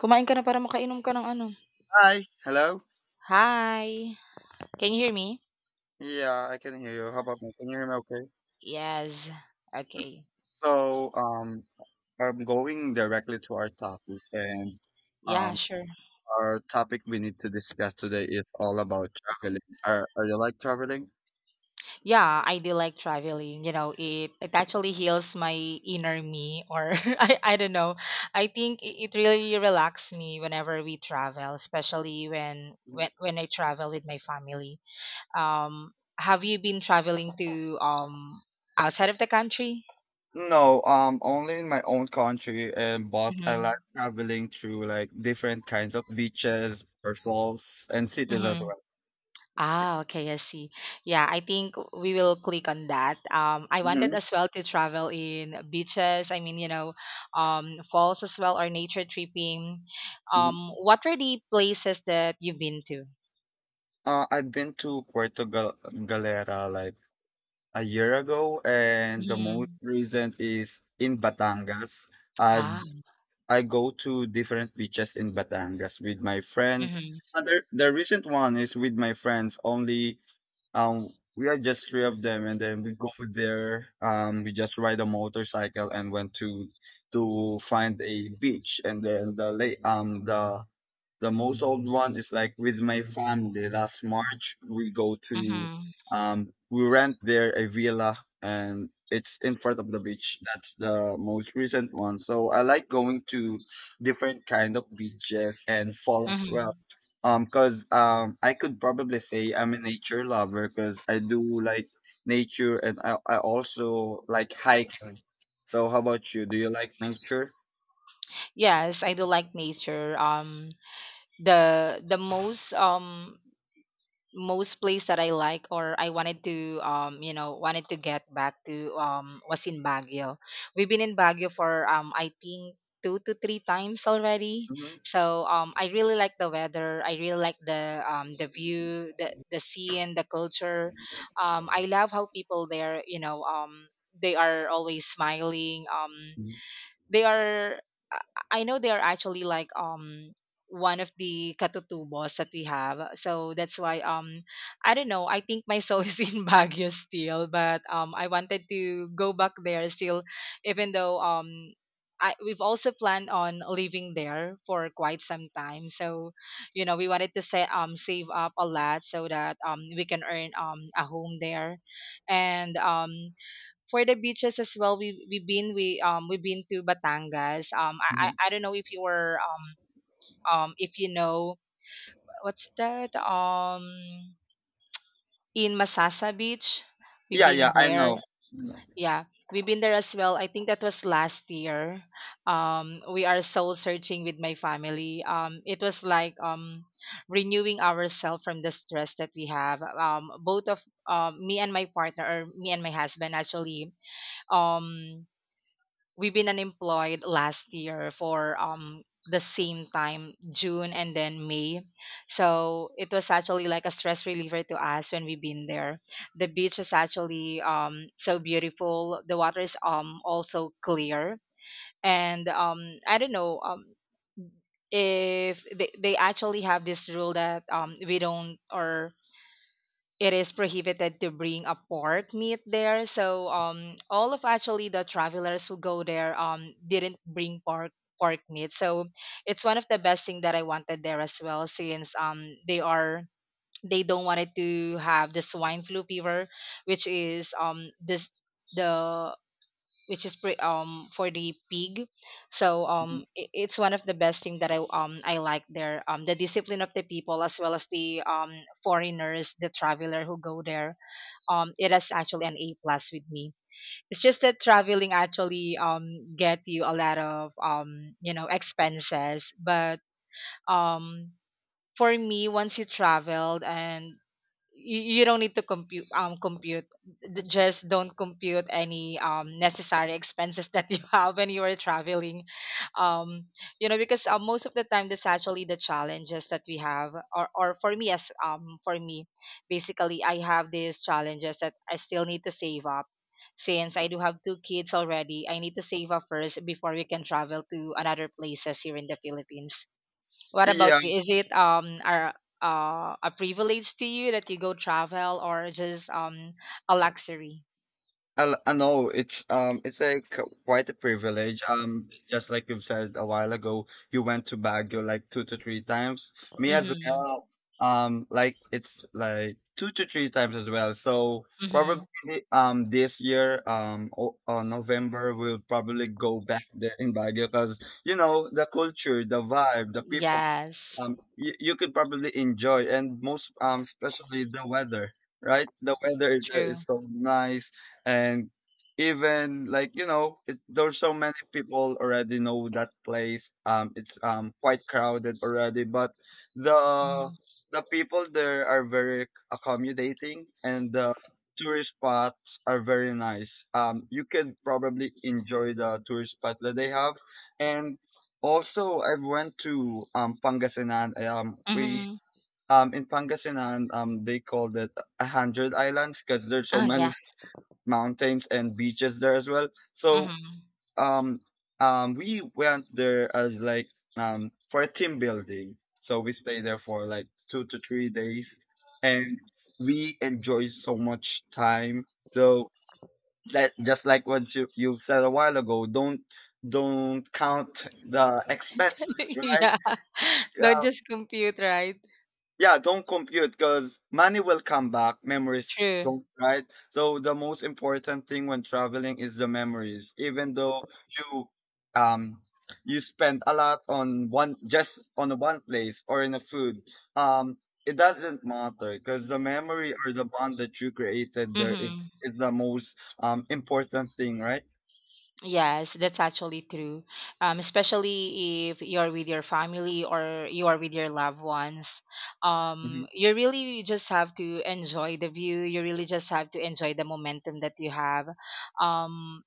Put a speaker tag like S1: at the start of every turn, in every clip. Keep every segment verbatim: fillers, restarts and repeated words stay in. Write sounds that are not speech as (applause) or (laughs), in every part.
S1: Kumain ka na para makainom ka ng ano.
S2: Hi. Hello.
S1: Hi, can you hear me?
S2: Yeah, I can hear you. How about me? Can you hear me okay?
S1: Yes, okay.
S2: So, um, I'm going directly to our topic, and
S1: Yeah,
S2: um,
S1: sure.
S2: our topic we need to discuss today is all about traveling. Are, are you like traveling?
S1: Yeah, I do like traveling, you know, it it actually heals my inner me or (laughs) I I don't know. I think it, it really relaxes me whenever we travel, especially when
S2: Mhm.
S1: when when I travel with my family. Um, have you been traveling to um outside of the country?
S2: No, um, only in my own country, and but I like
S1: Mhm.
S2: traveling through like different kinds of beaches or falls and cities as
S1: Mhm.
S2: well.
S1: Ah, okay, I see. Yeah, I think we will click on that. Um, I wanted
S2: Mm-hmm.
S1: as well to travel in beaches. I mean, you know, um, falls as well or nature tripping. Um, what were the places that you've been to?
S2: Uh, I've been to Puerto Gal Galera like a year ago, and the most
S1: Hmm.
S2: recent is in Batangas. I
S1: Ah.
S2: I go to different beaches in Batangas with my friends.
S1: Hmm.
S2: Other the recent one is with my friends only. Um, we are just three of them, and then we go there. Um, we just ride a motorcycle and went to to find a beach, and then the lake. Um, the the most old one is like with my family. Last March, we go to,
S1: Hmm.
S2: um, we rent there a villa, and it's in front of the beach. That's the most recent one. So I like going to different kind of beaches and fall as well.
S1: Hmm.
S2: Um, cause um, I could probably say I'm a nature lover because I do like nature, and I, I also like hiking. So how about you? Do you like nature?
S1: Yes, I do like nature. Um, the the most um most place that I like or I wanted to um you know wanted to get back to um was in Baguio. We've been in Baguio for um I think two to three times already.
S2: Hmm.
S1: So um I really like the weather. I really like the um the view, the the scene, the culture. Um I love how people there, you know, um they are always smiling. Um they are I I know they are actually like um one of the katutubos that we have. So that's why um I don't know, I think my soul (laughs) is in Baguio still, but um I wanted to go back there still even though um I, we've also planned on living there for quite some time. So, you know, we wanted to set, um, save up a lot so that um, we can earn um, a home there. And um, for the beaches as well, we we've been we um we've been to Batangas. Um, I
S2: Hmm.
S1: I, I don't know if you were um um if you know what's that um in Masasa Beach. We've
S2: Yeah,
S1: been
S2: yeah, I
S1: there.
S2: know.
S1: Yeah, we've been there as well. I think that was last year. Um, we are soul searching with my family. Um, it was like um renewing ourselves from the stress that we have. Um, both of um me and my partner or me and my husband actually um we've been unemployed last year for um the same time June and then May. So it was actually like a stress reliever to us when we've been there. The beach is actually um so beautiful. The water is um also clear, and um I don't know um if they, they actually have this rule that um we don't or it is prohibited to bring a pork meat there. So um, all of actually the travelers who go there um didn't bring pork pork meat. So it's one of the best thing that I wanted there as well, since um they are they don't want it to have the swine flu fever, which is um this the which is pre- um for the pig. So um i- it's one of the best thing that I um I like there. Um the discipline of the people as well as the um foreigners, the traveler who go there. Um it is actually an A plus with me. It's just that traveling actually um get you a lot of um you know expenses, but um for me, once you traveled and you, you don't need to compute um compute D- just don't compute any um necessary expenses that you (laughs) have when you are traveling, um you know because uh, most of the time that's actually the challenges that we have, or or for me, as um for me basically I have these challenges that I still need to save up, since I do have two kids already. I need to save up first before we can travel to another places here in the Philippines. What about
S2: Yeah,
S1: you? Is it um a uh, a privilege to you that you go travel, or just um a luxury?
S2: I, I know it's um it's like quite a privilege. Um, just like you've said a while ago, you went to Baguio like two to three times. Me as
S1: Mhm.
S2: well. Um, like it's like two to three times as well. So
S1: Mhm.
S2: probably um this year um o- uh, November we'll probably go back there in Baguio because you know the culture, the vibe, the people.
S1: Yes.
S2: Um, you, you could probably enjoy, and most um especially the weather, right? The weather is,
S1: True.
S2: is so nice, and even like you know it, there's so many people already know that place. Um it's um quite crowded already, but the
S1: Mhm.
S2: the people there are very accommodating, and the tourist spots are very nice. Um you can probably enjoy the tourist spot that they have. And also I went to um Pangasinan. um we
S1: Mhm.
S2: um in Pangasinan, um they called it a hundred islands because there's so
S1: Oh, yeah.
S2: many mountains and beaches there as well. So
S1: Mhm.
S2: um um we went there as like um for a team building. So we stayed there for like two to three days, and we enjoyed so much time. So that just like what you, you said a while ago, don't don't count the expenses,
S1: (laughs)
S2: right?
S1: Yeah. (laughs) Don't
S2: Yeah.
S1: just compute, right?
S2: Yeah, don't compute because money will come back, memories
S1: True.
S2: don't, right? So the most important thing when traveling is the memories. Even though you um you spend a lot on one, just on one place or in a food, um it doesn't matter because the memory or the bond that you created there is
S1: Mhm.
S2: is the most um important thing, right?
S1: Yes, that's actually true. Um, especially if you're with your family or you are with your loved ones. Um,
S2: Mhm.
S1: you really just have to enjoy the view. You really just have to enjoy the momentum that you have. Um,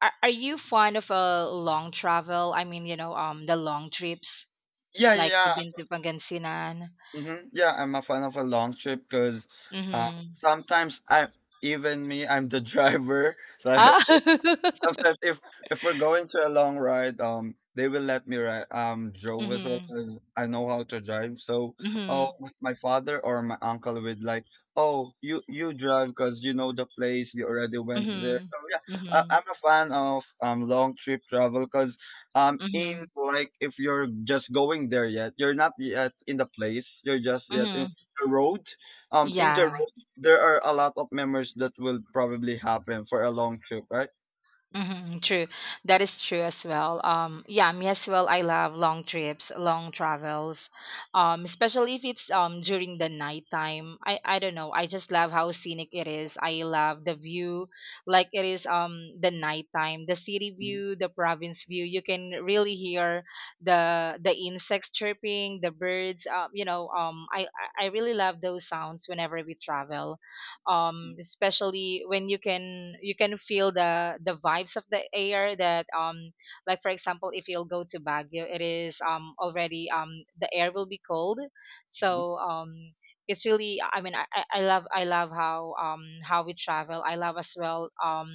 S1: are, are you fond of a long travel? I mean, you know, um, the long trips
S2: Yeah,
S1: like we've
S2: yeah.
S1: been to Pangasinan.
S2: Hmm. Yeah, I'm a fan of a long trip because um,
S1: Mm-hmm.
S2: sometimes I even me I'm the driver, (laughs) so I.
S1: Ah. (laughs)
S2: Sometimes if if we're going to a long ride, um, they will let me ride um drove as well
S1: Mm-hmm.
S2: because I know how to drive. So, oh,
S1: Mm-hmm.
S2: with my father or my uncle would like, oh, you you drive because you know the place. You already went there.
S1: Mm-hmm.
S2: So yeah, I,
S1: Mm-hmm.
S2: I'm a fan of um long trip travel because um
S1: Mm-hmm.
S2: in like if you're just going there yet, you're not yet in the place. You're just yet in
S1: Mm-hmm.
S2: the road. Um, in the
S1: Yeah.
S2: road, there are a lot of memories that will probably happen for a long trip, right?
S1: Hmm, true. That is true as well. Um, yeah, me as well. I love long trips, long travels, um, especially if it's um during the nighttime. I I don't know. I just love how scenic it is. I love the view, like it is um the nighttime, the city view, the province view. You can really hear the the insects chirping, the birds. Uh, you know, um, I I I really love those sounds whenever we travel,
S2: Mhm.
S1: um especially when you can you can feel the the vibes of the air, that um like for example if you'll go to Baguio, it is um already, um the air will be cold. So um it's really, I mean, i i I love I love how um how we travel. I love as well, um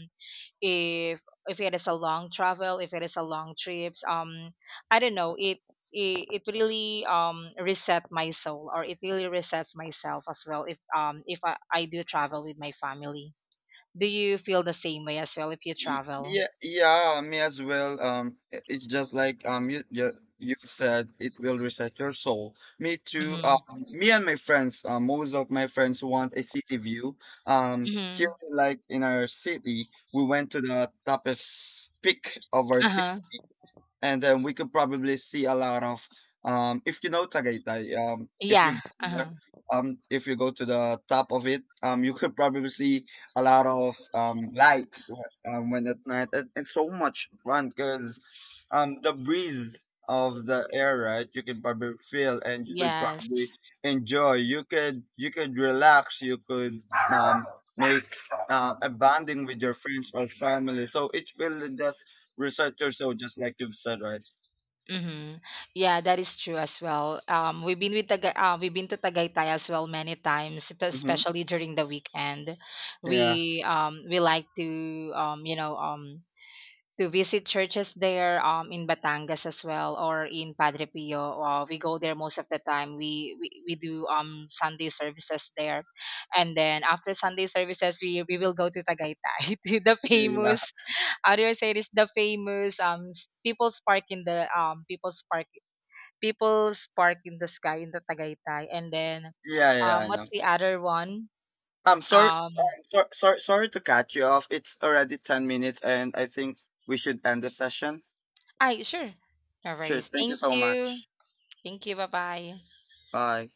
S1: if if it is a long travel if it is a long trips. um I don't know, it it, it really um reset my soul, or it really resets myself as well if um if I, I do travel with my family. Do you feel the same way as well if you
S2: Y-
S1: travel?
S2: Yeah, yeah, me as well. Um, i- it's just like um, you, you you said it will reset your soul. Me too.
S1: Mm-hmm.
S2: Um, me and my friends. Um, most of my friends want a city view. Um, here,
S1: Mm-hmm.
S2: like in our city, we went to the toughest peak of our city.
S1: Uh-huh.
S2: And then we could probably see a lot of, um if you know Tagaytay, um if you
S1: Yeah.
S2: go
S1: Uh-huh.
S2: there, um if you go to the top of it, um you could probably see a lot of um lights um when at night, and it's so much fun because um the breeze of the air, right? You can probably feel, and you could
S1: Yes.
S2: probably enjoy. You could you could relax. You could um make uh, a bonding with your friends or family, so it will just researchers, so just like you've said, right?
S1: Mhm. Yeah, that is true as well. Um, we've been with Taga uh, we've been to Tagaytay as well many times, spe-
S2: Mm-hmm.
S1: especially during the weekend.
S2: Yeah.
S1: We um we like to um you know um to visit churches there, um in Batangas as well, or in Padre Pio. Uh, we go there most of the time. We we, we do um Sunday services there, and then after Sunday services, we we will go to Tagaytay (laughs) to the
S2: Yeah,
S1: famous. Other side is the famous um s- People's Park in the um People's Park People's Park in the Sky in the Tagaytay. And then
S2: yeah, yeah,
S1: um
S2: I know.
S1: what's the other one?
S2: I'm sorry,
S1: Um
S2: I'm sorry, sorry, sorry to cut you off. It's already 10 minutes, and I think we should end the session.
S1: I sure. No
S2: Sure,
S1: worries.
S2: thank you
S1: Thank
S2: so
S1: you.
S2: much.
S1: Thank you. Bye bye.
S2: Bye.